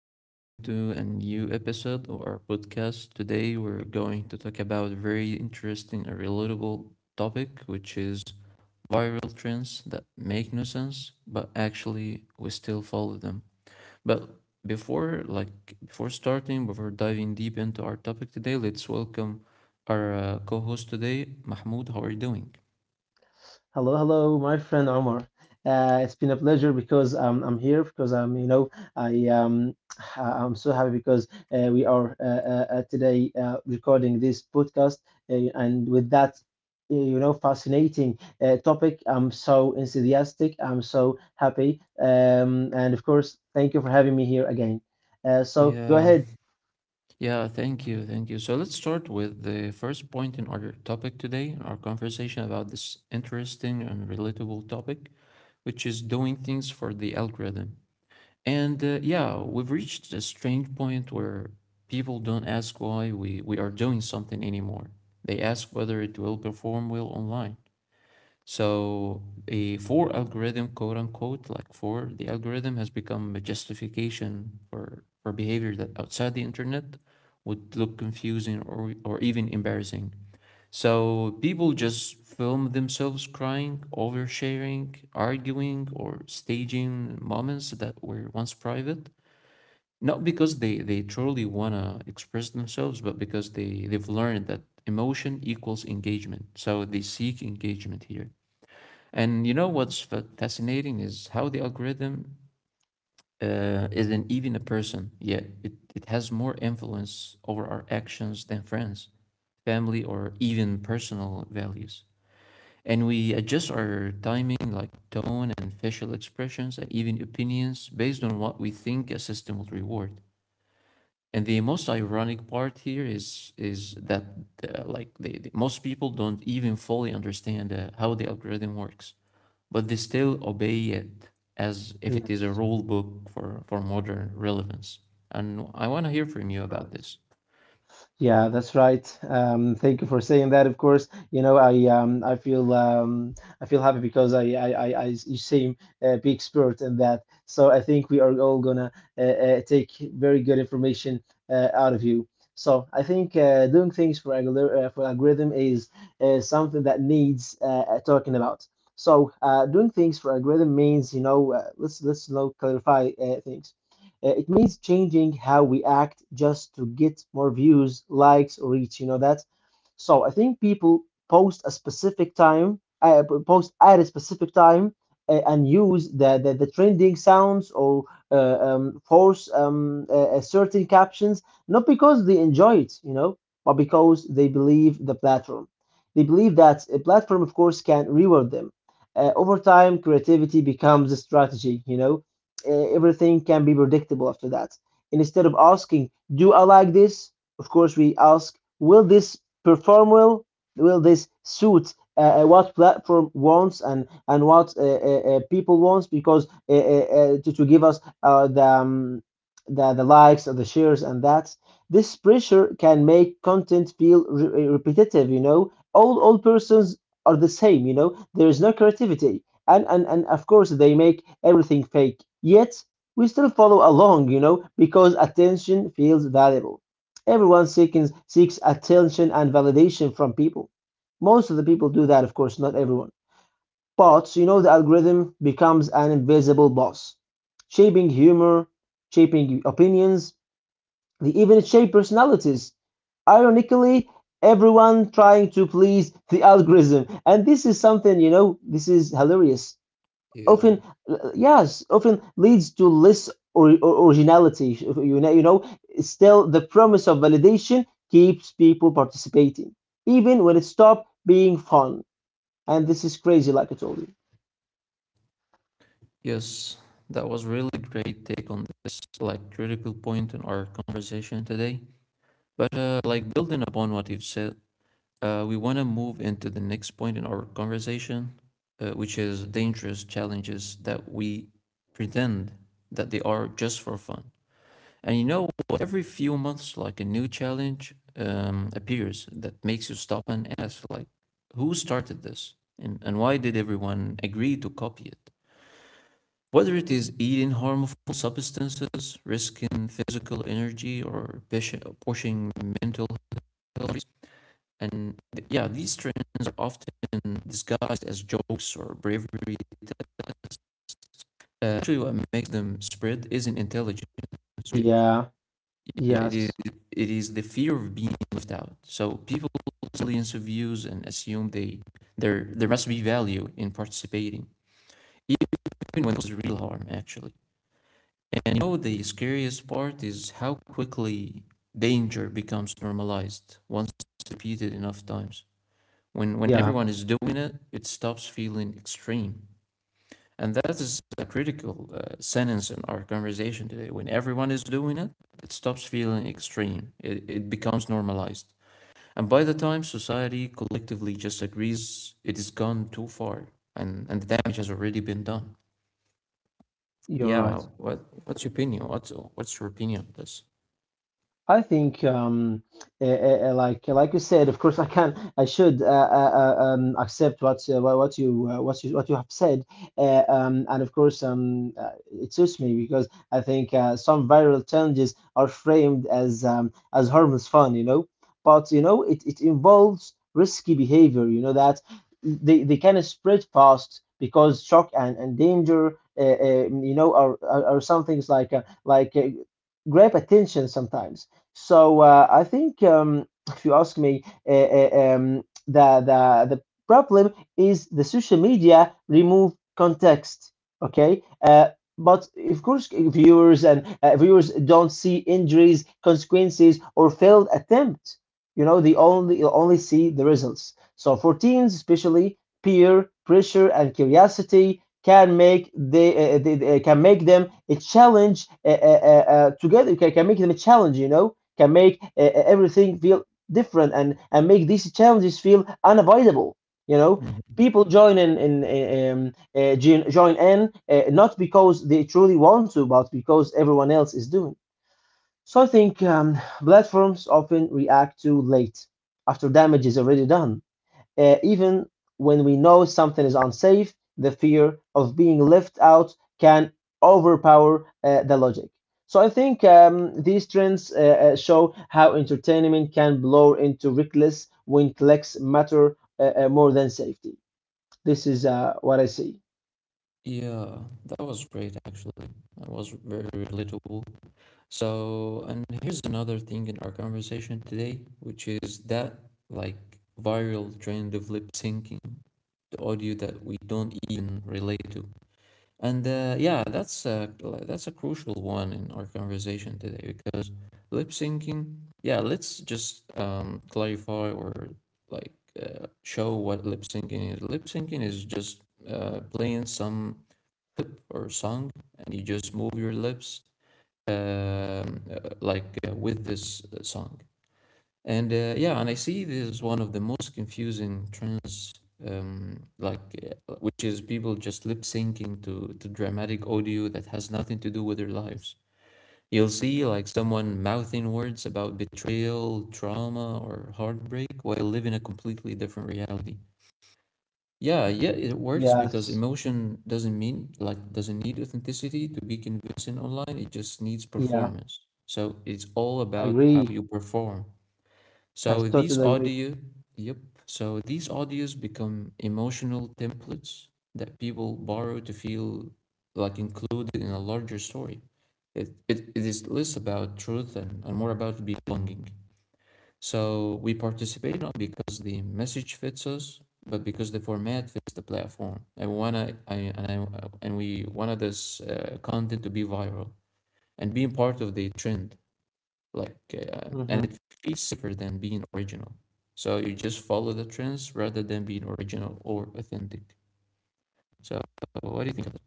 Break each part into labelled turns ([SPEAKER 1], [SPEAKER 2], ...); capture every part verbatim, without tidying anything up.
[SPEAKER 1] and welcome to a new episode of our podcast. Today, we're going to talk about a very interesting and relatable topic, which is viral trends that make no sense, but actually we still follow them. But before, like before starting, before diving deep into our topic today, let's welcome our uh, co-host today, Mahmoud. How are you doing?
[SPEAKER 2] Hello, hello, my friend Omar. Uh, it's been a pleasure because um, I'm here because I'm, you know, I um, I- I'm so happy because uh, we are uh, uh, uh, today uh, recording this podcast uh, and with that, uh, you know, fascinating uh, topic. I'm so enthusiastic. I'm so happy. Um, and of course, thank you for having me here again. Uh, so go ahead.
[SPEAKER 1] Yeah, thank you. Thank you. So let's start with the first point in our topic today, our conversation about this interesting and relatable topic, which is doing things for the algorithm. And uh, yeah, we've reached a strange point where people don't ask why we, we are doing something anymore. They ask whether it will perform well online. So a for algorithm, quote unquote, like for the algorithm has become a justification for, for behavior that outside the internet would look confusing or, or even embarrassing. So people just film themselves crying, oversharing, arguing, or staging moments that were once private. Not because they, they truly want to express themselves, but because they, they've learned that emotion equals engagement. So they seek engagement here. And you know what's fa- fascinating is how the algorithm uh, isn't even a person, yet it, it has more influence over our actions than friends, family, or even personal values. And we adjust our timing, like tone and facial expressions, and even opinions based on what we think a system will reward. And the most ironic part here is is that uh, like the, the- most people don't even fully understand uh, how the algorithm works, but they still obey it as if it is a
[SPEAKER 2] Yes,
[SPEAKER 1] rule book for for modern relevance. And I want to hear from you
[SPEAKER 2] that's
[SPEAKER 1] about
[SPEAKER 2] right.
[SPEAKER 1] this.
[SPEAKER 2] Yeah, that's right. Um, thank you for saying that. Of course, you know, I um, I feel um, I feel happy because I I I, I you seem a big expert in that. So I think we are all gonna uh, uh, take very good information uh, out of you. So I think uh, doing things for algor- uh, for algorithm is uh, something that needs uh, uh, talking about. So uh, doing things for algorithm means, you know, uh, let's let's now clarify uh, things. Uh, it means changing how we act just to get more views, likes, or reach. You know that, so I think people post a specific time, uh, post at a specific time, uh, and use the, the the trending sounds or uh, um, force um, uh, uh, certain captions, not because they enjoy it, you know, but because they believe the platform. They believe that a platform, of course, can reward them. Uh, over time, creativity becomes a strategy, you know. Uh, everything can be predictable after that. And instead of asking, do I like this? Of course, we ask, will this perform well, will this suit uh, uh, what platform wants, and and what uh, uh, uh, people wants, because uh, uh, uh, to, to give us uh, the, um, the the likes or the shares. And that this pressure can make content feel re- uh, repetitive, you know, all all persons are the same, you know, there is no creativity, and and and of course they make everything fake, yet we still follow along, you know, because attention feels valuable. Everyone seeking, seeks attention and validation from people. Most of the people do that, of course, not everyone. But you know, the algorithm becomes an invisible boss, shaping humor, shaping opinions, they even shape personalities. Ironically, everyone trying to please the algorithm. And this is something, you know, this is hilarious.
[SPEAKER 1] Yeah.
[SPEAKER 2] often uh, yes Often leads to less or, or originality, you know, you know, still the promise of validation keeps people participating even when it stopped being fun, and this is crazy like I told you.
[SPEAKER 1] Yes, that was really great take on this like critical point in our conversation today. But uh, like building upon what you've said, uh, we want to move into the next point in our conversation, uh, which is dangerous challenges that we pretend that they are just for fun. And you know, what? Every few months, like a new challenge um, appears that makes you stop and ask, like, who started this? And, and why did everyone agree to copy it? Whether it is eating harmful substances, risking physical energy, or pushing mental health and th- yeah, these trends are often disguised as jokes or bravery. Uh, actually, what makes them spread isn't intelligence. Logic.
[SPEAKER 2] Yeah,
[SPEAKER 1] Yeah, it is,
[SPEAKER 2] yes,
[SPEAKER 1] it is the fear of being left out. So people silence views and assume they there there must be value in participating, even when there's real harm actually. And you know the scariest part is how quickly danger becomes normalized once it's repeated enough times. When, when
[SPEAKER 2] yeah,
[SPEAKER 1] everyone is doing it, it stops feeling extreme. And that is a critical uh, sentence in our conversation today. When everyone is doing it, it stops feeling extreme. It, it becomes normalized. And by the time society collectively just agrees, it has gone too far and, and the damage has already been done.
[SPEAKER 2] you're right.
[SPEAKER 1] Yeah, what, what's your opinion? What's, what's your opinion on this?
[SPEAKER 2] I think, um, uh, uh, uh, like like you said, of course, I can, I should uh, uh, uh, um, accept what uh, wha- what you uh, what you what you have said, uh, um, and of course, um, uh, it suits me because I think uh, some viral challenges are framed as um, as harmless fun, you know, but you know, it, it involves risky behavior, you know, that they they can spread fast because shock and, and danger, uh, uh, you know, are, are are some things like uh, like uh, grab attention sometimes. So uh, I think, um, if you ask me, uh, uh, um, the, the the problem is the social media remove context. Okay, uh, but of course, viewers, and uh, viewers don't see injuries, consequences, or failed attempt. You know, they only you only see the results. So for teens, especially, peer pressure and curiosity can make they, uh, they, they can make them a challenge uh, uh, uh, uh, together. Can, can make them a challenge. You know, can make uh, everything feel different, and and make these challenges feel unavoidable, you know.
[SPEAKER 1] Mhm.
[SPEAKER 2] People join in in uh, um, uh, join join in uh, not because they truly want to, but because everyone else is doing. So I think um, platforms often react too late after damage is already done. Uh, even when we know something is unsafe, the fear of being left out can overpower uh, the logic. So I think um, these trends uh, uh, show how entertainment can blur into reckless when clicks matter uh, uh, more than safety. This is uh, what I see.
[SPEAKER 1] Yeah, that was great actually. That was very relatable. So, and here's another thing in our conversation today, which is that like viral trend of lip syncing, the audio that we don't even relate to. And uh, yeah, that's a, that's a crucial one in our conversation today because lip syncing, yeah, let's just um, clarify or like uh, show what lip syncing is. Lip syncing is just uh, playing some clip or song and you just move your lips um, uh, like uh, with this uh, song. And uh, yeah, and I see this is one of the most confusing trends, um, like uh, which is people just lip syncing to to dramatic audio that has nothing to do with their lives. You'll see like someone mouthing words about betrayal, trauma, or heartbreak while living a completely different reality. Yeah, yeah, it works because
[SPEAKER 2] Yes.
[SPEAKER 1] emotion doesn't mean like doesn't need authenticity to be convincing online. It just needs
[SPEAKER 2] Yeah,
[SPEAKER 1] performance. So it's all
[SPEAKER 2] I
[SPEAKER 1] about how
[SPEAKER 2] agree.
[SPEAKER 1] you perform.
[SPEAKER 2] I
[SPEAKER 1] So these
[SPEAKER 2] totally agree.
[SPEAKER 1] audio, yep. So these audios become emotional templates that people borrow to feel like included in a larger story. It it, it is less about truth and, and more about belonging. So we participate not because the message fits us, but because the format fits the platform. I wanna, I and I and we wanted this uh, content to be viral and being part of the trend. Like, uh, and
[SPEAKER 2] Mhm.
[SPEAKER 1] it feels safer than being original. So you just follow the trends rather than being original or authentic. So what do you think of that?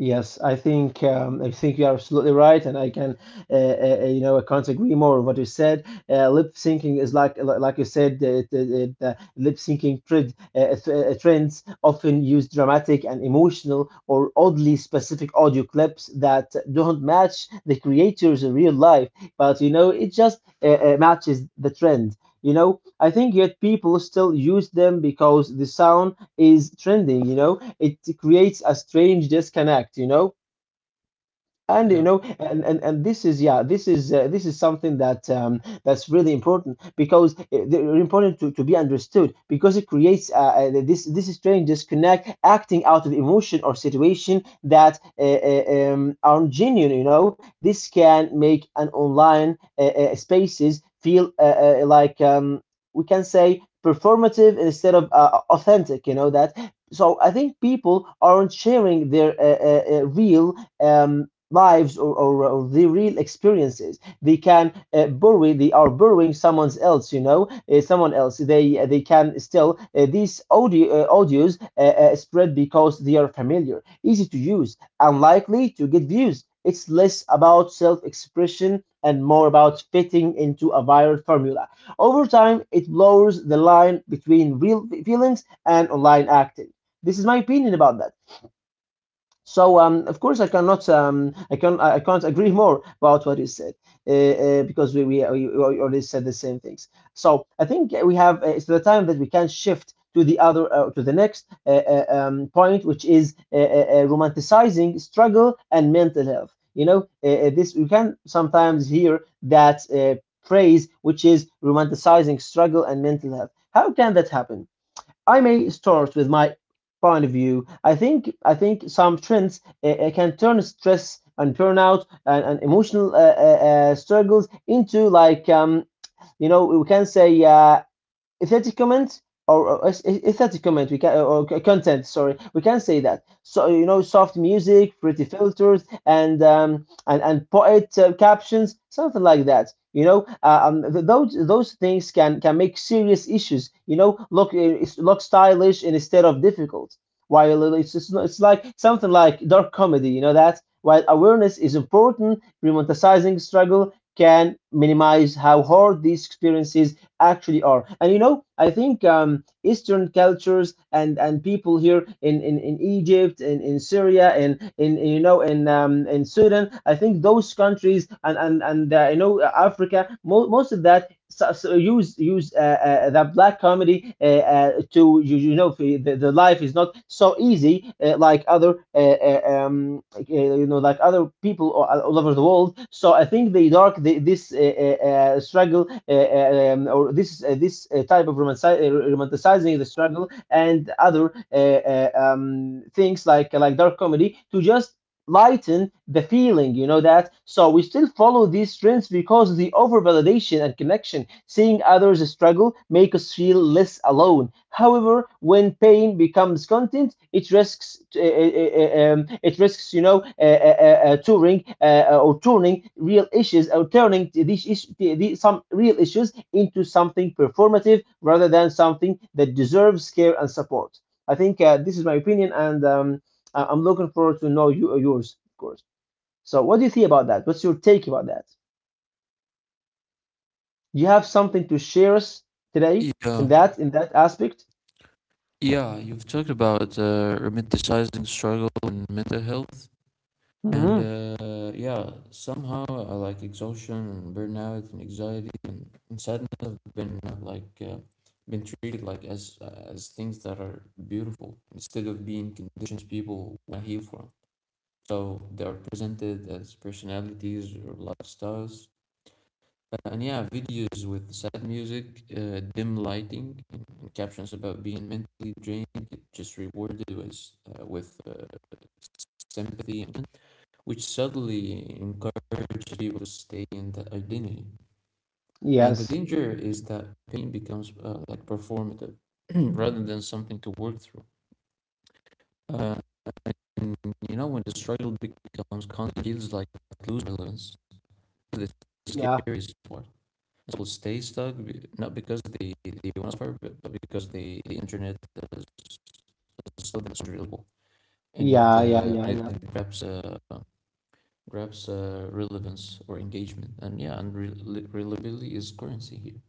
[SPEAKER 2] Yes, I think um, I think you're absolutely right, and I can, uh, uh, uh, you know, I can't agree more with what you said. Uh, lip syncing is like, li- like you said, the, the, the the lip syncing trend, uh, th- uh, trends often use dramatic and emotional or oddly specific audio clips that don't match the creators in real life, but you know, it just uh, uh, matches the trend. You know, I think yet people still use them because the sound is trending. You know, it creates a strange disconnect, you know? and you
[SPEAKER 1] Yeah.
[SPEAKER 2] know and and, and this is, yeah, this is uh, this is something that um, that's really important, because it's important to, to be understood, because it creates uh, uh, this this strange disconnect, acting out of emotion or situation that uh, uh, um, aren't genuine, you know. This can make an online uh, uh, spaces feel uh, uh, like um, we can say performative instead of uh, authentic, you know that. So I think people aren't sharing their uh, uh, uh, real um, lives, or, or, or the real experiences, they can uh, bury they are borrowing someone else, you know, uh, someone else. They uh, they can still, uh, these audio uh, audios uh, uh, spread because they are familiar, easy to use and likely to get views. It's less about self-expression and more about fitting into a viral formula. Over time it blurs the line between real feelings and online acting. This is my opinion about that. So um, of course I cannot um, I can, I can't agree more about what is said, uh, uh, because we, we we already said the same things. So I think we have uh, it's the time that we can shift to the other uh, to the next uh, uh, um, point, which is uh, uh, uh, romanticizing struggle and mental health. You know, uh, uh, this we can sometimes hear that uh, phrase, which is romanticizing struggle and mental health. How can that happen? I may start with my point of view. I think I think some trends uh, uh, can turn stress and burnout, and, and emotional uh, uh, uh, struggles into like, um, you know, we can say, uh, aesthetic there's comment, or, or is- is- comment, we can, or or content, sorry, we can say that. So you know, soft music, pretty filters, and um and and poet uh, captions, something like that, you know. Uh, um th- those those things can can make serious issues, you know, look uh, it's- look stylish and instead of difficult. While it's it's, not- it's like something like dark comedy, you know that, while awareness is important, romanticizing struggle can minimize how hard these experiences actually are. And you know, I think um, Eastern cultures, and, and people here in, in, in Egypt, in, in Syria, in, in in, you know in um, in Sudan, I think those countries, and and and uh, you know, Africa, mo- most of that, so, so use use uh, uh, the black comedy uh, uh, to you, you know, the, the life is not so easy, uh, like other uh, uh, um, like, uh, you know, like other people all, all over the world. So I think the dark the, this uh, uh, uh, struggle uh, uh, um, or this, uh, this uh, type of romanci- uh, romanticizing the struggle and other uh, uh, um, things like like dark comedy to just lighten the feeling, you know that? So we still follow these trends because the overvalidation and connection, seeing others struggle, make us feel less alone. However, when pain becomes content, it risks uh, uh, um, it risks, you know, uh, uh, uh, touring uh, uh, or turning real issues, or turning t- these is- the, the, some real issues into something performative rather than something that deserves care and support. I think uh, this is my opinion, and um, I- I'm looking forward to know you yours, of course. So, what do you think about that? What's your take about that? Do you have something to share us today in
[SPEAKER 1] Yeah,
[SPEAKER 2] that in that aspect?
[SPEAKER 1] yeah, you've talked about uh, romanticizing struggle and mental health, and
[SPEAKER 2] Hmm.
[SPEAKER 1] uh, yeah, somehow uh, like exhaustion and burnout and anxiety and, and sadness have been uh, like uh, been treated like as uh, as things that are beautiful instead of being conditions people want to heal from. So they are presented as personalities or lifestyles. Uh, and yeah, videos with sad music, uh, dim lighting, and, and captions about being mentally drained get just rewarded with uh, with uh, sympathy and which subtly encourages people to stay in that identity. And the
[SPEAKER 2] Yes.
[SPEAKER 1] danger is that pain becomes uh, like performative rather than something to work through. Uh, and you know, when the struggle becomes constant, it feels like losing relevance. The
[SPEAKER 2] Yeah.
[SPEAKER 1] scariest part. People stay stuck not because they, they want to suffer, but, but because they, the internet is still unreliable. And it,
[SPEAKER 2] Yeah. Yeah.
[SPEAKER 1] uh,
[SPEAKER 2] Yeah.
[SPEAKER 1] and it
[SPEAKER 2] Yeah.
[SPEAKER 1] wraps uh, grabs uh, relevance or engagement and yeah and rel- reliability is currency here.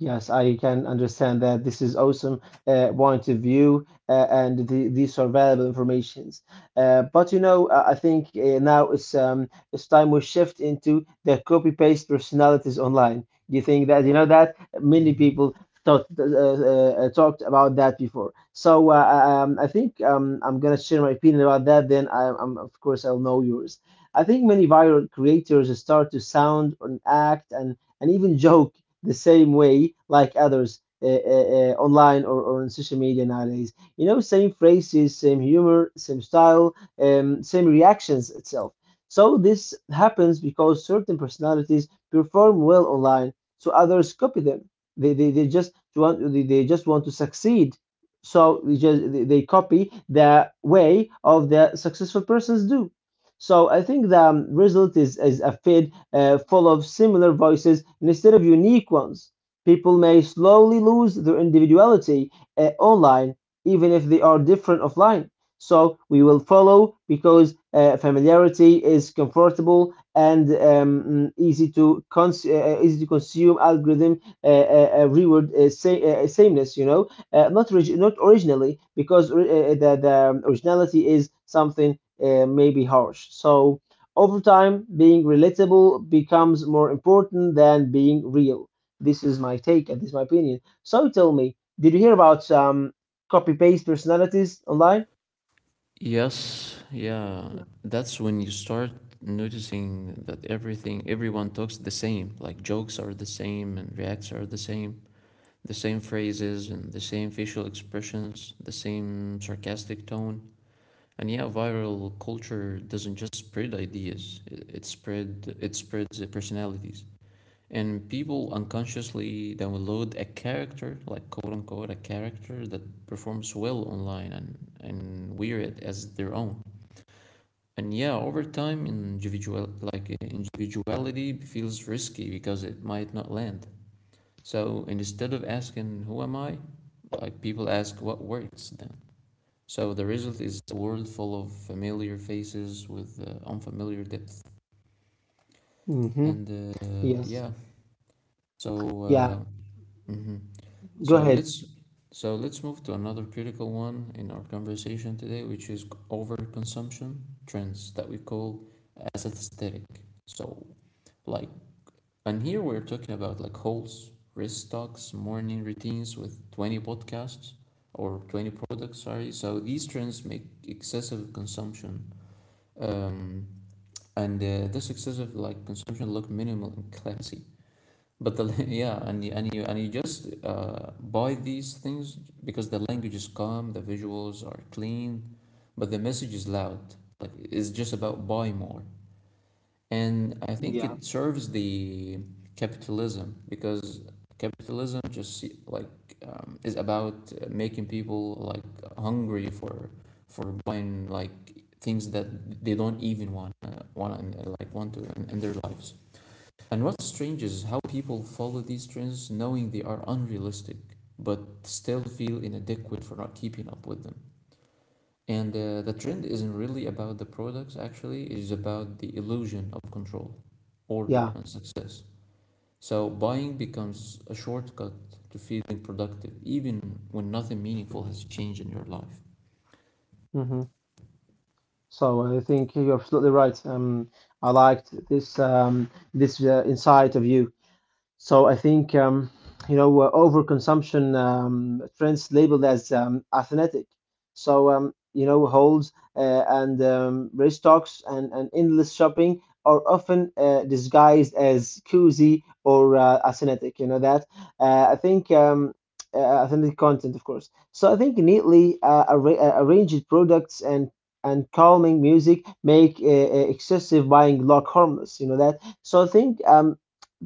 [SPEAKER 2] Yes, I can understand that. This is awesome uh, point of view, uh, and the, these are valuable informations. Uh, but you know, I I think uh, now it's um, it's time we shift into the copy paste personalities online. Do you think that, you know, that many
[SPEAKER 1] Mhm.
[SPEAKER 2] people thought, uh, uh, uh, talked about that before? So uh, uh, um, I think um, I'm gonna share my opinion about that. Then I, I'm of course I'll know yours. I think many viral creators start to sound and act and and even joke the same way like others, uh, uh, uh, online, or, or on social media nowadays. You know, same phrases, same humor, same style, um, same reactions itself. So this happens because certain personalities perform well online, so others copy them. They, they, they just want they they just want to succeed, so they just they they copy the way of the successful persons do. So I think the um, result is, is a fail, uh, full of similar voices instead of unique ones. People may slowly lose their individuality, uh, online, even if they are different offline. So we will follow because uh, familiarity is comfortable and um, mm, easy to cons- uh, uh, easy to consume algorithm uh, uh, uh, reward uh, sa- uh, sameness. You know, uh, not orig- not originally because uh, uh, the the um, originality is something uh, maybe harsh. So over time, being relatable becomes more important than being real. This is my take and this is my opinion. So tell me, did you hear about um, copy paste personalities online?
[SPEAKER 1] Yes, yeah, that's when you start noticing that everything everyone talks the same like jokes are the same and reacts are the same, the same phrases and the same facial expressions, the same sarcastic tone. And yeah, viral culture doesn't just spread ideas, it, it spread it spreads uh, personalities. And people unconsciously download a character, like quote unquote, a character that performs well online, and, and wear it as their own. And yeah, over time, individual like uh, individuality feels risky because it might not land. So instead of asking who am I, like people ask what works then. So the result is a world full of familiar faces with uh, unfamiliar depth.
[SPEAKER 2] Mm-hmm.
[SPEAKER 1] And uh, yeah,
[SPEAKER 2] Yes.
[SPEAKER 1] so
[SPEAKER 2] Yeah.
[SPEAKER 1] uh, mhm. So
[SPEAKER 2] Go ahead.
[SPEAKER 1] let's so let's move to another critical one in our conversation today, which is overconsumption trends that we call as aesthetic. So like and here we're talking about like hauls, wrist stocks, morning routines with twenty podcasts or twenty products, sorry. So these trends make excessive consumption. Um, and uh, this excessive like consumption look minimal and classy but the yeah, and you, and you and you just uh, buy these things because the language is calm, the visuals are clean, but the message is loud. Like it's just about buy more, and I think
[SPEAKER 2] Yeah.
[SPEAKER 1] it serves the capitalism because capitalism just se- like um, is about uh, making people like hungry for for buying like things that they don't even want uh, want uh, like want to in, in their lives. And what's strange is how people follow these trends knowing they are unrealistic, but still feel inadequate for not keeping up with them. And uh, the trend isn't really about the products, actually, it is about the illusion of control, order,
[SPEAKER 2] Yeah.
[SPEAKER 1] and success. So buying becomes a shortcut to feeling productive, even when nothing meaningful has changed in your life.
[SPEAKER 2] Mm-hmm. So I think you're absolutely right. Um, I liked this um, this uh, insight of you. So I think, um, you know, uh, overconsumption um, trends labeled as, um, athletic. So, um, you know, holds, uh, and um, race talks and, and endless shopping are often uh, disguised as cozy or uh, athletic. You know that. Uh, I think. Um, uh, authentic content, of course. So I think neatly uh, arra- uh, arranged products and and calming music make uh, uh, excessive buying look harmless. You know that. So I think, um,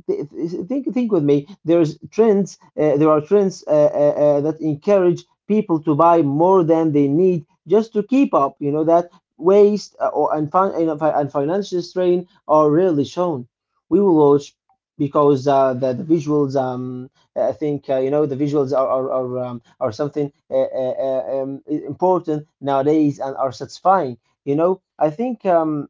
[SPEAKER 2] th- th- think think with me, there's trends, uh, there are trends uh, uh, uh, that encourage people to buy more than they need just to keep up, you know that. Waste uh, or, and, fin- and fi- and financial strain are rarely shown, we will watch because uh, the, the visuals, um uh, I think, uh, you know, the visuals are are, are, um, are something uh, uh, uh, um, i- important nowadays and are satisfying. You know, i think um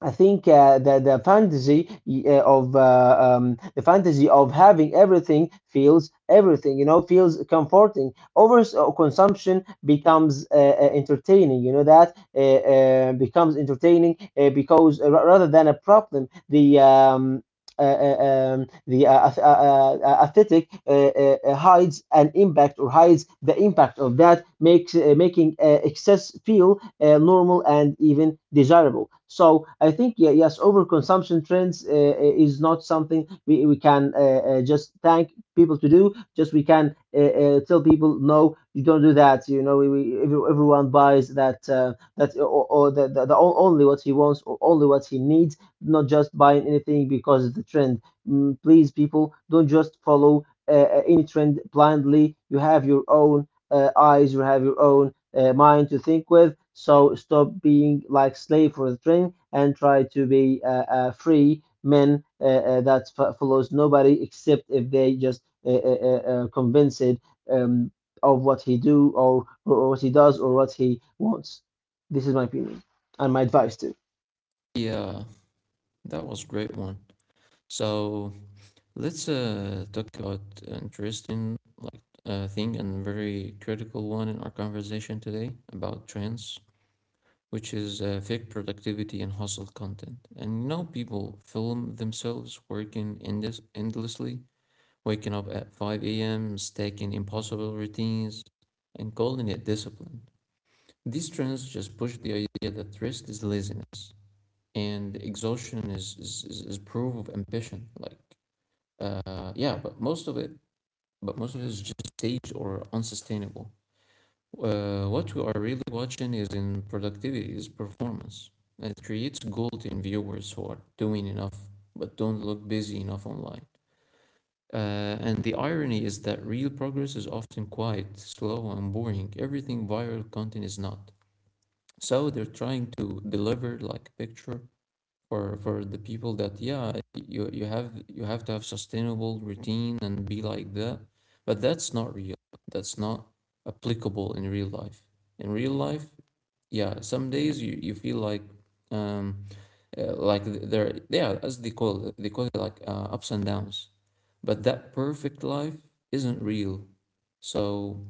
[SPEAKER 2] I think uh, the the fantasy, uh, of uh, um, the fantasy of having everything feels everything, you know, feels comforting. Over uh, consumption becomes uh, uh, entertaining. You know that, uh, uh, becomes entertaining uh, because uh, ra- rather than a problem, the um, uh, uh, um, the uh, ath- uh, uh, uh, aesthetic uh, uh, uh, hides an impact or hides the impact of that makes uh, making uh, excess feel uh, normal and even desirable. So I think, yeah, yes, overconsumption trends uh, uh, is not something we, we can uh, uh, just thank people to do. Just we can uh, uh, tell people no, you don't do that. You know, we, we, every- everyone buys that uh, that uh, or, or the, the, the o- only what he wants or only what he needs, not just buying anything because of the trend. Mm, please, people, don't just follow uh, uh, any trend blindly. You have your own uh, eyes, you have your own uh, mind to think with. So stop being like slave for the train and try to be uh, uh, free men uh, uh, that f- follows nobody except if they just uh, uh, uh, convince it, um, of what he do, or, or what he does or what he wants. This is my opinion and my advice too.
[SPEAKER 1] Yeah, that was a great one. So let's uh, talk about interesting like uh, thing and very critical one in our conversation today about trends, which is uh, fake productivity and hustle content. And you know, people film themselves working endless endlessly, waking up at five a m, stacking impossible routines, and calling it discipline. These trends just push the idea that rest is laziness and exhaustion is, is, is, is proof of ambition. Like, uh, yeah, but most of it but most of it is just staged or unsustainable. Uh, what we are really watching is in productivity, is performance. And it creates guilt in viewers who are doing enough but don't look busy enough online. Uh, and the irony is that real progress is often quiet, slow, and boring. Everything viral content is not. So they're trying to deliver like a picture for for the people that yeah you you have you have to have sustainable routine and be like that, but that's not real, that's not applicable in real life. In real life, yeah, some days you you feel like um uh, like th- there yeah, as they call it, they call it like uh, ups and downs, but that perfect life isn't real. So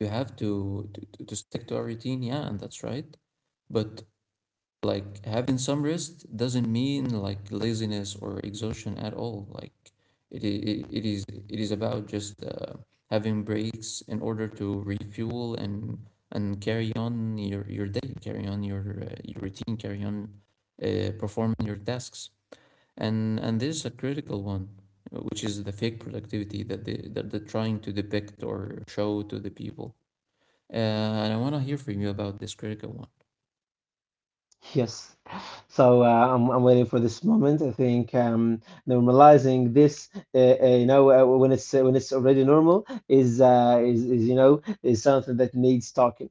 [SPEAKER 1] you have to to, to to stick to a routine, yeah, and that's right. But like having some rest doesn't mean like laziness or exhaustion at all. Like it I- I- it is it is about just uh, having breaks in order to refuel and and carry on your your day, carry on your uh, your routine, carry on uh, performing your tasks. And and this is a critical one, uh, which is the fake productivity that they that they're trying to depict or show to the people. Uh, and I want to hear from you about this critical one.
[SPEAKER 2] Yes. So, uh, I'm, I'm waiting for this moment. I think, um, normalizing this, uh, uh, you know, uh, when it's uh, when it's already normal is, uh, is is, you know, is something that needs talking.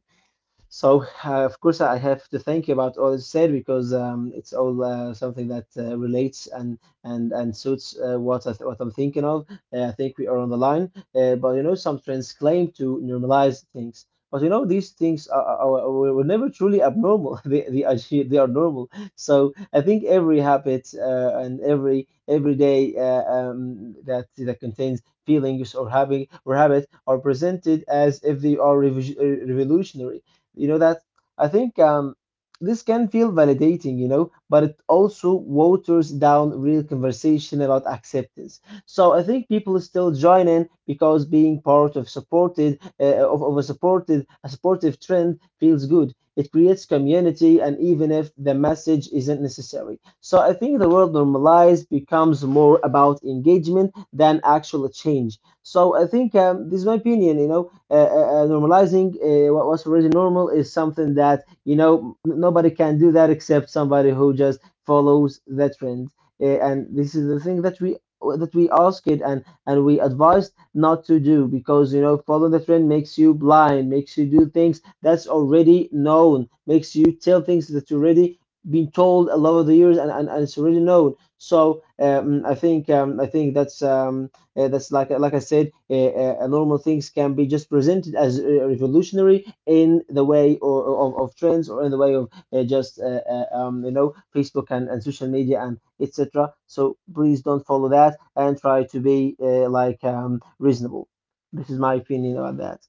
[SPEAKER 2] So, uh, of course, I have to thank you about all this said because, um, it's all uh, something that uh, relates and and and suits uh, what I what I'm thinking of. Uh, I think we are on the line, uh, but you know, some trends claim to normalize things, but you know, these things are, are, are were were never truly abnormal. They they are actually- they are normal. So I think every habit, uh, and every every day, uh, um, that that contains feelings or having or habit are presented as if they are revo- uh, revolutionary, you know that. I think, um, this can feel validating, you know, but it also waters down real conversation about acceptance. So I think people still join in because being part of supported uh, of, of a supported a supportive trend feels good. It creates community, and even if the message isn't necessary, so I think the word normalized becomes more about engagement than actual change. So I think, um, this is my opinion. You know, uh, uh, uh, normalizing uh, what was already normal is something that, you know, n- nobody can do that except somebody who just follows the trend. Uh, and this is the thing that we that we ask it and and we advised not to do because, you know, following the trend makes you blind, makes you do things that's already known, makes you tell things that's already been told a lot of the years, and, and, and it's already known. So, um, I think um, I think that's, um, uh, that's like like I said, uh, uh, uh, normal things can be just presented as uh, revolutionary in the way, or, of, of trends or in the way of, uh, just uh, uh, um, you know, Facebook and, and social media and et cetera. So please don't follow that and try to be, uh, like, um, reasonable. This is my opinion about that.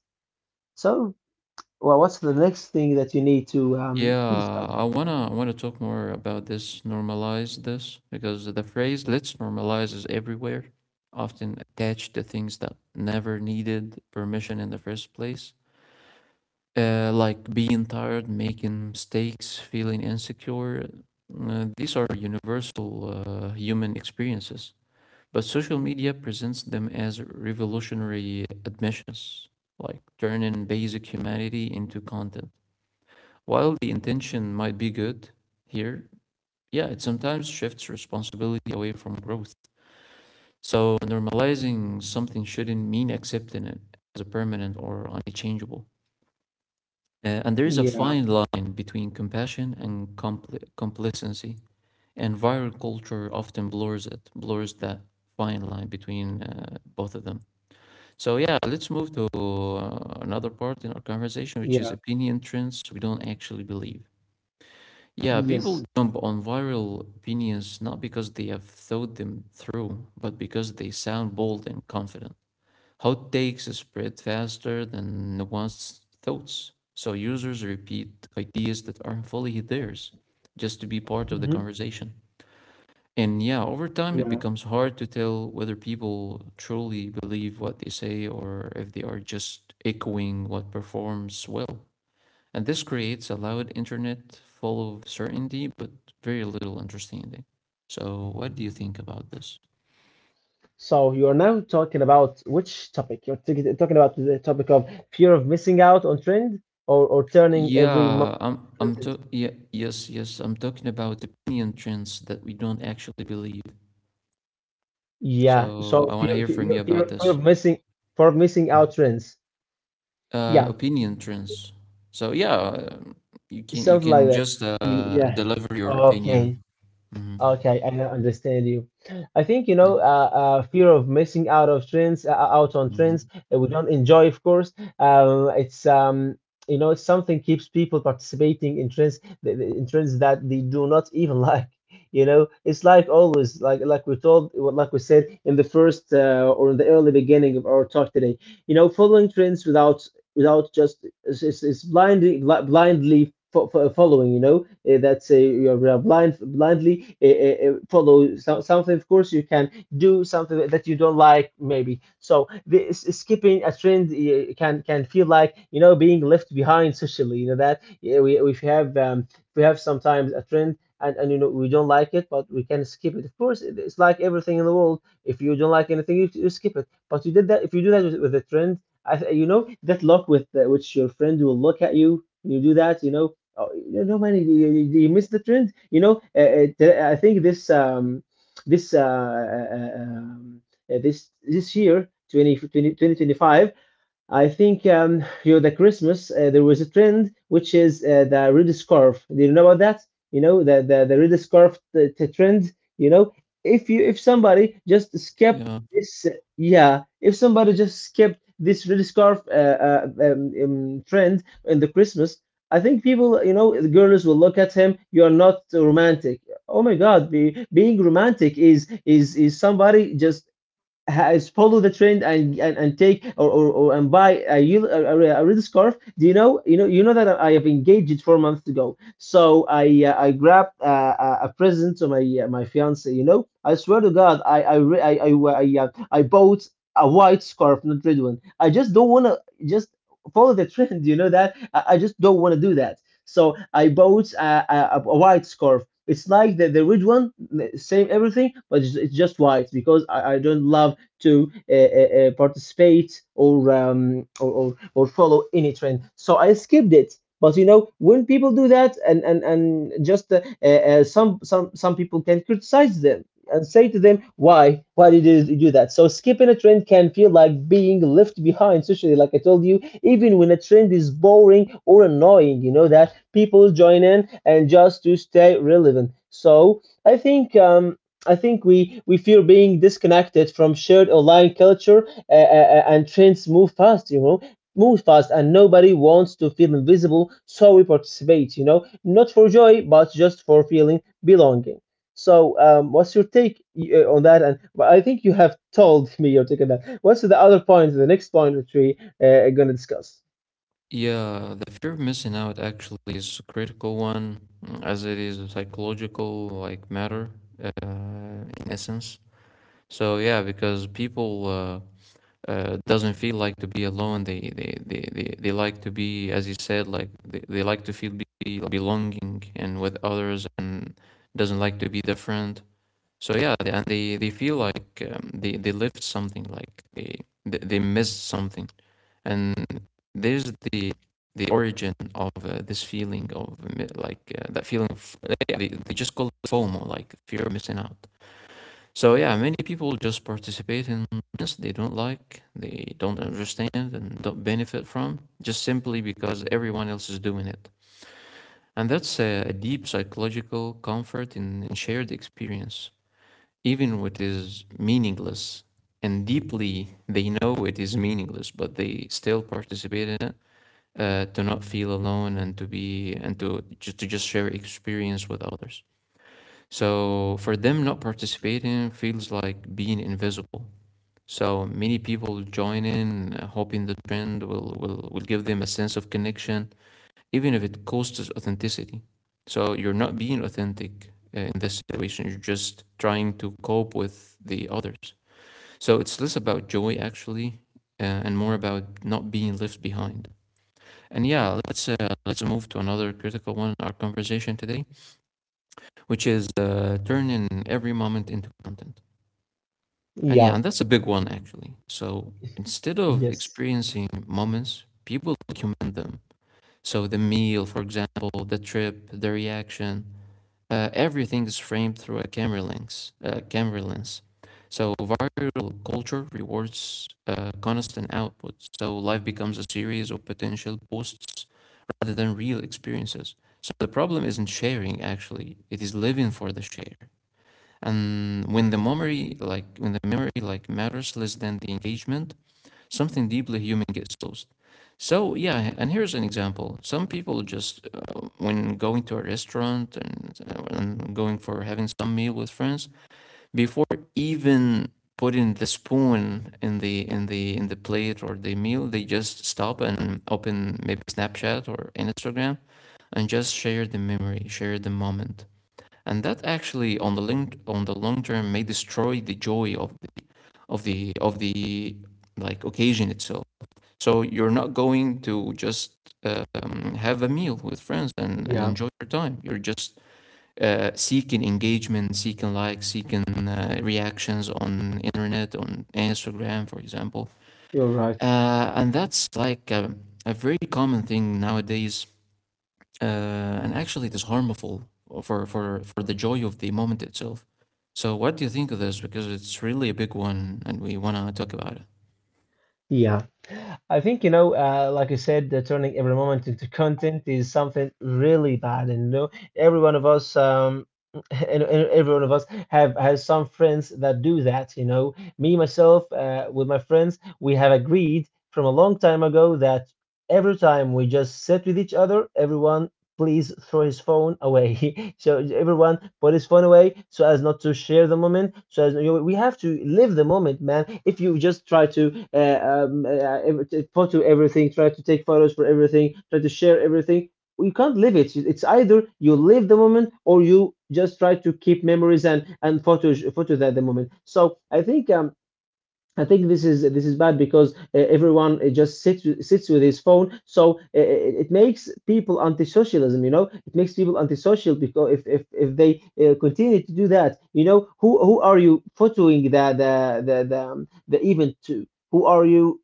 [SPEAKER 2] So, well, what's the next thing that you need to um,
[SPEAKER 1] Yeah,
[SPEAKER 2] discuss?
[SPEAKER 1] I wanna I wanna talk more about this, normalize this, because the phrase "let's normalize" is everywhere, often attached to things that never needed permission in the first place. Uh, like being tired, making mistakes, feeling insecure. Uh, these are universal uh, human experiences, but social media presents them as revolutionary admissions, like turning basic humanity into content. While the intention might be good here, yeah, it sometimes shifts responsibility away from growth. So normalizing something shouldn't mean accepting it as a permanent or unchangeable. Uh, and there is a
[SPEAKER 2] Yeah,
[SPEAKER 1] fine line between compassion and compli- complacency, and viral culture often blurs it, blurs that fine line between uh, both of them. So yeah, let's move to uh, another part in our conversation, which is
[SPEAKER 2] yeah,
[SPEAKER 1] opinion trends we don't actually believe. Yeah,
[SPEAKER 2] yes,
[SPEAKER 1] people jump on viral opinions not because they have thought them through, but because they sound bold and confident. Hot takes spread faster than nuanced thoughts, so users repeat ideas that aren't fully theirs just to be part of the
[SPEAKER 2] hmm,
[SPEAKER 1] conversation. And yeah, over time it
[SPEAKER 2] yeah.
[SPEAKER 1] becomes hard to tell whether people truly believe what they say or if they are just echoing what performs well. And this creates a loud internet full of certainty but very little understanding. So, what do you think about this?
[SPEAKER 2] So you are now talking about which topic? You're t- talking about the topic of fear of missing out on trend, or, or turning every month
[SPEAKER 1] Yeah, I'm
[SPEAKER 2] into
[SPEAKER 1] I'm
[SPEAKER 2] content.
[SPEAKER 1] to- yeah, yes, yes, I'm talking about opinion trends that we don't actually believe.
[SPEAKER 2] Yeah.
[SPEAKER 1] So,
[SPEAKER 2] So,
[SPEAKER 1] I want to
[SPEAKER 2] fear,
[SPEAKER 1] hear
[SPEAKER 2] fear,
[SPEAKER 1] from you about
[SPEAKER 2] fear fear
[SPEAKER 1] this.
[SPEAKER 2] of missing, fear of missing
[SPEAKER 1] Mm.
[SPEAKER 2] out trends.
[SPEAKER 1] Uh,
[SPEAKER 2] Yeah,
[SPEAKER 1] opinion trends. So, yeah, um, you can you
[SPEAKER 2] something like
[SPEAKER 1] can
[SPEAKER 2] that.
[SPEAKER 1] just
[SPEAKER 2] Y-
[SPEAKER 1] uh,
[SPEAKER 2] Yeah.
[SPEAKER 1] deliver your opinion.
[SPEAKER 2] Okay.
[SPEAKER 1] Mhm.
[SPEAKER 2] Okay, I now understand you. I think, you know,
[SPEAKER 1] Yeah.
[SPEAKER 2] uh, uh, fear of missing out of trends, uh, uh, out on trends
[SPEAKER 1] Hmm.
[SPEAKER 2] that we don't enjoy, of course. Um, it's, um, you know, it's something keeps people participating in trends, th- th- in trends that they do not even like. You know, it's like always, like like we told, like we said in the first, uh, or in the early beginning of our talk today. You know, following trends without without just, it's, it's, blindly blindly fo- fo- following, you know, uh, that's a you're uh, blind, blindly uh, uh, uh, follow so- something. Of course, you can do something that you don't like, maybe. So the, s- skipping a trend, uh, can can feel like, you know, being left behind socially, you know that. Yeah, we, we have, um, we have sometimes a trend, and, and you know, we don't like it, but we can skip it. Of course, it- it's like everything in the world. If you don't like anything, you, you skip it. But you did that if you do that with, with a trend. I, th- you know that look with uh, which your friend will look at you when you do that. You know, oh, you know, man, you, you, you you missed the trend. You know, uh, uh, th- I think this um, this uh, uh, uh, um, uh, this this year twenty, twenty, I think, um, you know, the Christmas, uh, there was a trend which is, uh, the red scarf. Do you know about that? You know the the, the red scarf, the, the trend. You know, if you if somebody just skipped
[SPEAKER 1] Yeah.
[SPEAKER 2] this, yeah, if somebody just skipped this red scarf uh, uh, um, um, trend in the Christmas, I think people, you know, the girls will look at him. You are not romantic. Oh my God, be, being romantic is is is somebody just has follow the trend and and, and take, or, or, or and buy a, yel- a, a- a red scarf. Do you know, you know, you know that I have engaged four months ago, so I uh, I grabbed uh, a a present to my, uh, my fiance. You know, I swear to God, I I re- I I, uh, I, uh, I bought a white scarf, not red one. I just don't want to just follow the trend. You know that, i, I just don't want to do that. So I bought, uh, a, a, a white scarf. It's like the, the red one, same everything. But it's, it's just white because I, I don't love to uh, uh, uh, participate, or, um, or or or follow any trend. So I skipped it. But you know, when people do that, and and and just uh, uh, uh, some some some people can criticize them and say to them, why why did you do that? So skipping a trend can feel like being left behind socially, like I told you. Even when a trend is boring or annoying, you know that people join in and just to stay relevant. So I think um, I think we, we fear being disconnected from shared online culture uh, uh, uh, and trends move fast, you know, move fast, and nobody wants to feel invisible, so we participate, you know, not for joy, but just for feeling belonging. So, um, what's your take uh, on that? And but I think you have told me your take on that. What's the other point, the next point that we uh, are going to discuss?
[SPEAKER 1] Yeah, the fear of missing out actually is a critical one, mm, as it is a psychological like matter uh, in essence. So yeah, because people uh, uh, doesn't feel like to be alone. They they, they, they they like to be, as you said, like they, they like to feel be belonging and with others, and doesn't like to be different. So yeah, they, and they they feel like um, they they lived something, like they they, they missed something and there's the the origin of uh, this feeling of like uh, that feeling of yeah, they, they just call it FOMO, like fear of missing out. So yeah, many people just participate in this they don't like, they don't understand, and don't benefit from just simply because everyone else is doing it. And that's a, a deep psychological comfort in, in shared experience, even when it is meaningless. And deeply, they know it is meaningless, but they still participate in it uh, to not feel alone and to be and to just to just share experience with others. So for them, not participating feels like being invisible. So many people join in, uh, hoping the trend will will will give them a sense of connection, even if it costs authenticity. So you're not being authentic uh, in this situation. You're just trying to cope with the others. So it's less about joy actually, uh, and more about not being left behind. And yeah, let's uh, let's move to another critical one in our conversation today, which is uh, turning every moment into content. And yeah,
[SPEAKER 2] Yeah.
[SPEAKER 1] and that's a big one actually. So instead of
[SPEAKER 2] Yes.
[SPEAKER 1] experiencing moments, people document them. So the meal, for example, the trip, the reaction, uh, everything is framed through a camera lens. Uh, camera lens. So viral culture rewards uh, constant output. So life becomes a series of potential posts rather than real experiences. So the problem isn't sharing actually, it is living for the share. And when the memory like when the memory like matters less than the engagement, something deeply human gets lost. So yeah, and here's an example. Some people just uh, when going to a restaurant and, uh, and going for having some meal with friends before even putting the spoon in the in the in the plate or the meal, they just stop and open maybe Snapchat or Instagram and just share the memory, share the moment. And that actually on the link on the long term may destroy the joy of the, of the of the like occasion itself. So you're not going to just uh, um, have a meal with friends and, and
[SPEAKER 2] Yeah,
[SPEAKER 1] enjoy your time. You're just uh, seeking engagement, seeking likes, seeking uh, reactions on internet, on Instagram, for example.
[SPEAKER 2] you're right.
[SPEAKER 1] Uh, and that's like a, a very common thing nowadays uh, and actually it is harmful for, for, for the joy of the moment itself. So what do you think of this? Because it's really a big one and we want to talk about it.
[SPEAKER 2] Yeah. I think, you know, uh, like I said, uh, turning every moment into content is something really bad. And, you know, every one of us, um, and, and every one of us have has some friends that do that. You know, me, myself, uh, with my friends, we have agreed from a long time ago that every time we just sit with each other, everyone please throw his phone away. So everyone put his phone away so as not to share the moment. So as, you, know, we have to live the moment, man. If you just try to uh, um, uh, photo everything, try to take photos for everything, try to share everything, you can't live it. It's either you live the moment or you just try to keep memories and and photos photo that the moment. So I think um I think this is this is bad because uh, everyone uh, just sits with- sits with his phone, so uh, it, it makes people anti-socialism. You know, it makes people antisocial because if if, if they uh, continue to do that, you know, who who are you photoing the the the the, um, the event to? Who are you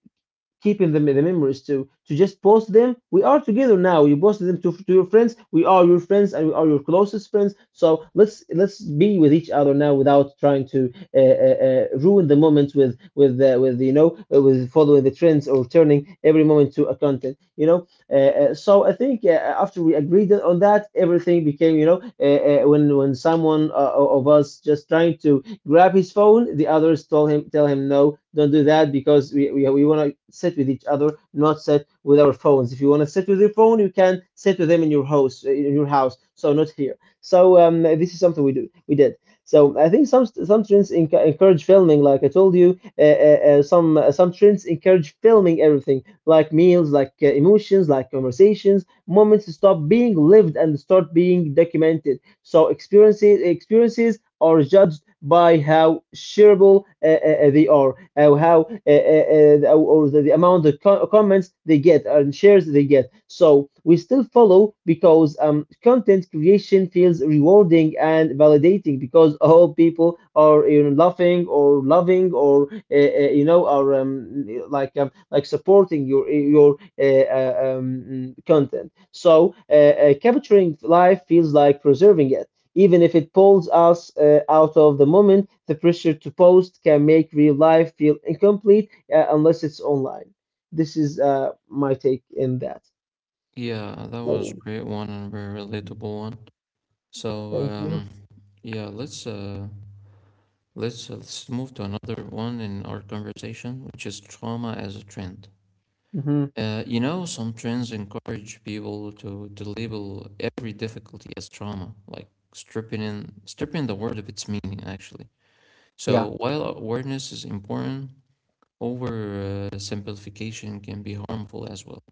[SPEAKER 2] keeping the, the memories to to just post them? We are together now. You posted them to, to your friends. We are your friends and we are your closest friends, so let's let's be with each other now without trying to uh, uh, uh, ruin the moment with with uh, with you know uh, with following the trends or turning every moment to a content. you know uh, uh, so I think uh, after we agreed on that, everything became, you know, uh, uh, when when someone uh, of us just trying to grab his phone, the others told him, tell him, no, don't do that because we, we, we want to sit with each other, not sit with our phones. If you want to sit with your phone, you can sit with them in your house, uh, in your house. So not here. So um, this is something we do, we did. So I think some some trends encourage filming, like I told you. Uh, uh, uh, some uh, some trends encourage filming everything, like meals, like uh, emotions, like conversations. Moments stop being lived and start being documented. So experiences experiences are judged by how shareable uh, uh, uh, they are, uh, how uh, uh, uh, or the, the amount of co- comments they get and shares they get. So we still follow because um, content creation feels rewarding and validating because all people are you know, laughing or loving or uh, uh, you know, are um, like um, like supporting your your uh, uh, um, content. So uh, uh, capturing life feels like preserving it even if it pulls us uh, out of the moment. The pressure to post can make real life feel incomplete uh, unless it's online. This is uh, my take in that.
[SPEAKER 1] Yeah, that was
[SPEAKER 2] Oh,
[SPEAKER 1] great one and a very relatable one. So
[SPEAKER 2] thank you.
[SPEAKER 1] um, yeah, let's uh, let's uh, let's move to another one in our conversation, which is trauma as a trend.
[SPEAKER 2] Hmm.
[SPEAKER 1] Uh, you know, some trends encourage people to, to label every difficulty as trauma, like stripping in stripping the word of its meaning, actually. So
[SPEAKER 2] Yeah,
[SPEAKER 1] while awareness is important, over uh, simplification can be harmful as well.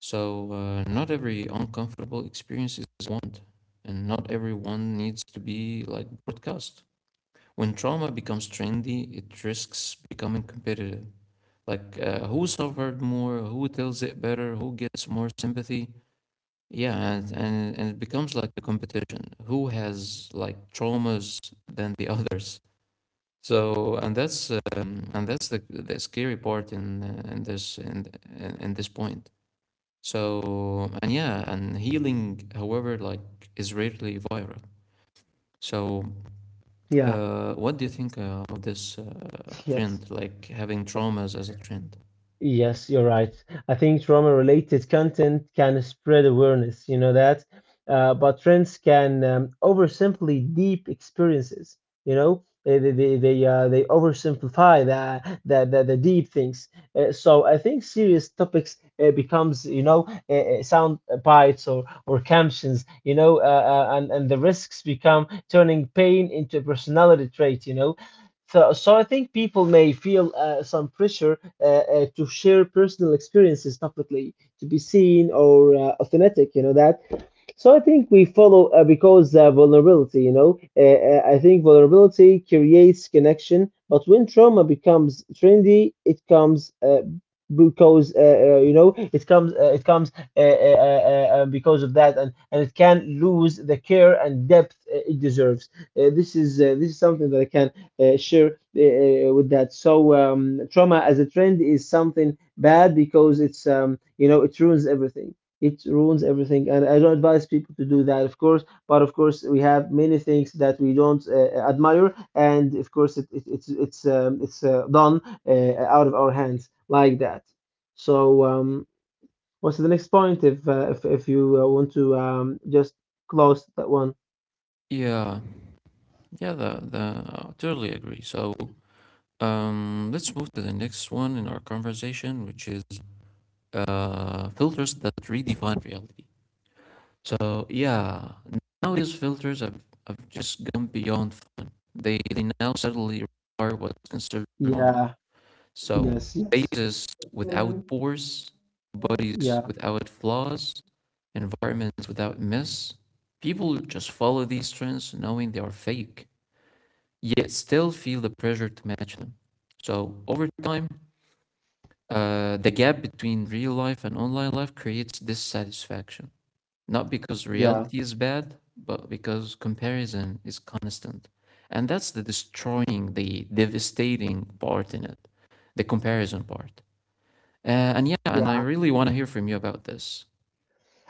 [SPEAKER 1] So uh, not every uncomfortable experience is want, and not everyone needs to be like broadcast. When trauma becomes trendy, it risks becoming competitive. Like uh, who suffered more, who tells it better, who gets more sympathy. Yeah, and, and, and it becomes like a competition. Who has like traumas than the others? So and that's um, and that's the the scary part in uh, in this in, in in this point. So and yeah, and healing, however, like is rarely viral. So
[SPEAKER 2] yeah,
[SPEAKER 1] uh, what do you think uh, of this uh,
[SPEAKER 2] yes.
[SPEAKER 1] trend, like having traumas as a trend?
[SPEAKER 2] Yes, you're right. I think trauma-related content can spread awareness, you know that, uh, but trends can um, oversimplify deep experiences. You know, they they they they, uh, they oversimplify the the, the the deep things. Uh, so I think serious topics uh, becomes you know uh, uh, sound bites or or captions. You know, uh, uh, and and the risks become turning pain into a personality trait. You know, so, so I think people may feel uh, some pressure uh, uh, to share personal experiences publicly to be seen or uh, authentic. You know that. So I think we follow uh, because uh, vulnerability, you know, uh, uh, I think vulnerability creates connection, but when trauma becomes trendy, it comes uh, because uh, uh, you know, it comes uh, it comes uh, uh, uh, uh, uh, because of that, and and it can lose the care and depth uh, it deserves. Uh, this is uh, this is something that I can uh, share uh, uh, with that. So um, trauma as a trend is something bad because it's um, you know, it ruins everything. It ruins everything and I don't advise people to do that, of course. But of course, we have many things that we don't uh, admire, and of course it, it, it's it's um, it's uh, done uh, out of our hands like that. So um what's the next point if uh, if, if you uh, want to um just close that one?
[SPEAKER 1] Yeah, yeah, the the I totally agree. So um, let's move to the next one in our conversation, which is uh, filters that redefine reality. So yeah, nowadays filters have, have just gone beyond fun. They they now suddenly require what's considered normal.
[SPEAKER 2] Yeah,
[SPEAKER 1] So
[SPEAKER 2] yes, yes,
[SPEAKER 1] faces without pores, bodies
[SPEAKER 2] yeah,
[SPEAKER 1] without flaws, environments without mess. People just follow these trends knowing they are fake, yet still feel the pressure to match them. So over time, uh, the gap between real life and online life creates dissatisfaction not because
[SPEAKER 2] yeah,
[SPEAKER 1] reality is bad, but because comparison is constant. And that's the destroying, the devastating part in it, the comparison part. Uh, and yeah, and I
[SPEAKER 2] yeah.
[SPEAKER 1] really want to hear from you about this.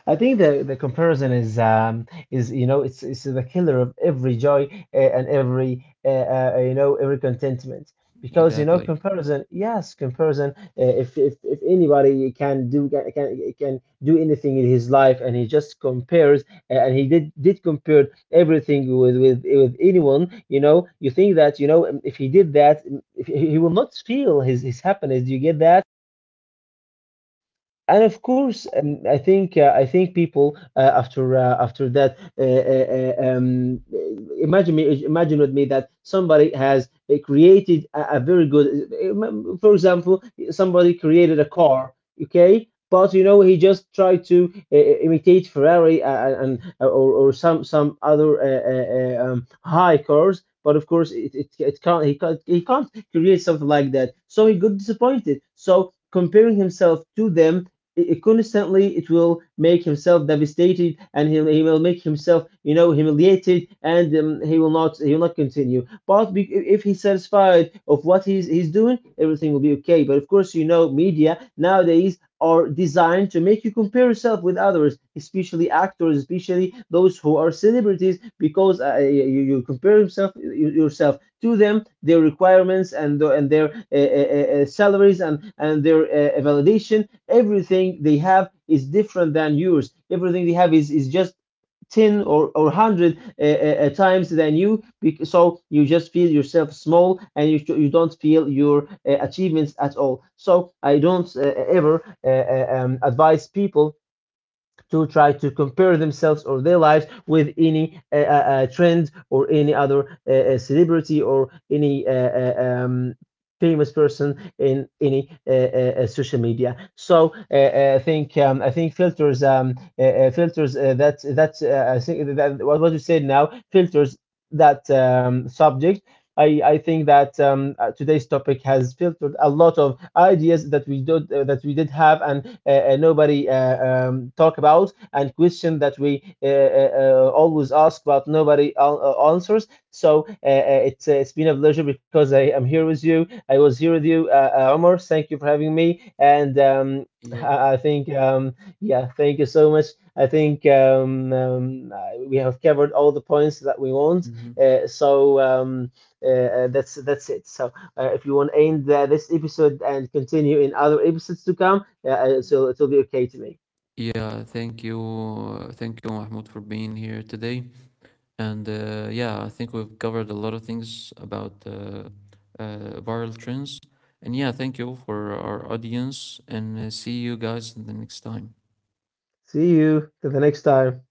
[SPEAKER 2] I think the, the comparison is um, is you know, it's it's the killer of every joy uh, and every uh, uh, you know every contentment because you know,
[SPEAKER 1] Exactly.
[SPEAKER 2] comparison, yes, comparison, uh, if, if, if anybody can do can can do anything in his life and he just compares uh, and he did did compare everything with with with anyone, you know, you think that, you know, if he did that, if he he will not feel his his happiness. Do you get that? And of course, um, I think uh, I think people uh, after uh, after that uh, uh, uh, um, imagine me, imagine with me that somebody has uh, created a, a very good, uh, for example, somebody created a car, okay, but you know, he just tried to uh, imitate Ferrari uh, and or, or some some other uh, uh, uh, um, high cars. But of course, it, it, it can't, he can't he can't create something like that. So he got disappointed. So comparing himself to them i- constantly, it will make himself devastated, and he, he will make himself, you know, humiliated, and um, he will not, he will not continue. But be, i- if he's satisfied of what he's he's doing, everything will be okay. But of course, you know, media nowadays are designed to make you compare yourself with others, especially actors, especially those who are celebrities, because uh, you, you compare yourself yourself to them, their requirements and and their uh, uh, uh, uh, salaries, and and their uh, validation. Everything they have is different than yours. Everything they have is, is just ten or, or one hundred uh, uh, uh, times than you. So you just feel yourself small and you, you don't feel your uh, achievements at all. So I don't uh, ever uh, uh, um, advise people to try to compare themselves or their lives with any uh, uh, trend or any other uh, uh, celebrity or any uh, uh, um, famous person in any uh, uh, uh, social media. So uh, uh, I think um, I think filters, um, uh, uh, filters uh, that that's uh, I think that what what you said now, filters, that um, subject, I, I think that um, uh, today's topic has filtered a lot of ideas that we did uh, that we did have, and uh, uh, nobody uh, um, talk about, and question that we uh, uh, uh, always ask but nobody al- uh, answers. So uh, uh, it's uh, it's been a pleasure because I am here with you. I was here with you, uh, uh, Omar. Thank you for having me. And um,
[SPEAKER 1] Yeah.
[SPEAKER 2] I I think um, yeah, thank you so much. I think um, um, uh, we have covered all the points that we want.
[SPEAKER 1] Hmm.
[SPEAKER 2] Uh, so. Um, uh, uh, that's that's it. So uh, if you want to end uh, this episode and continue in other episodes to come, uh, uh, so it'll be okay to me.
[SPEAKER 1] Yeah. Thank you. uh, Thank you, Mahmoud, for being here today. And uh, yeah, I think we've covered a lot of things about uh, uh, viral trends. And yeah, thank you for our audience, and uh, see you guys the next time.
[SPEAKER 2] See you to the next time.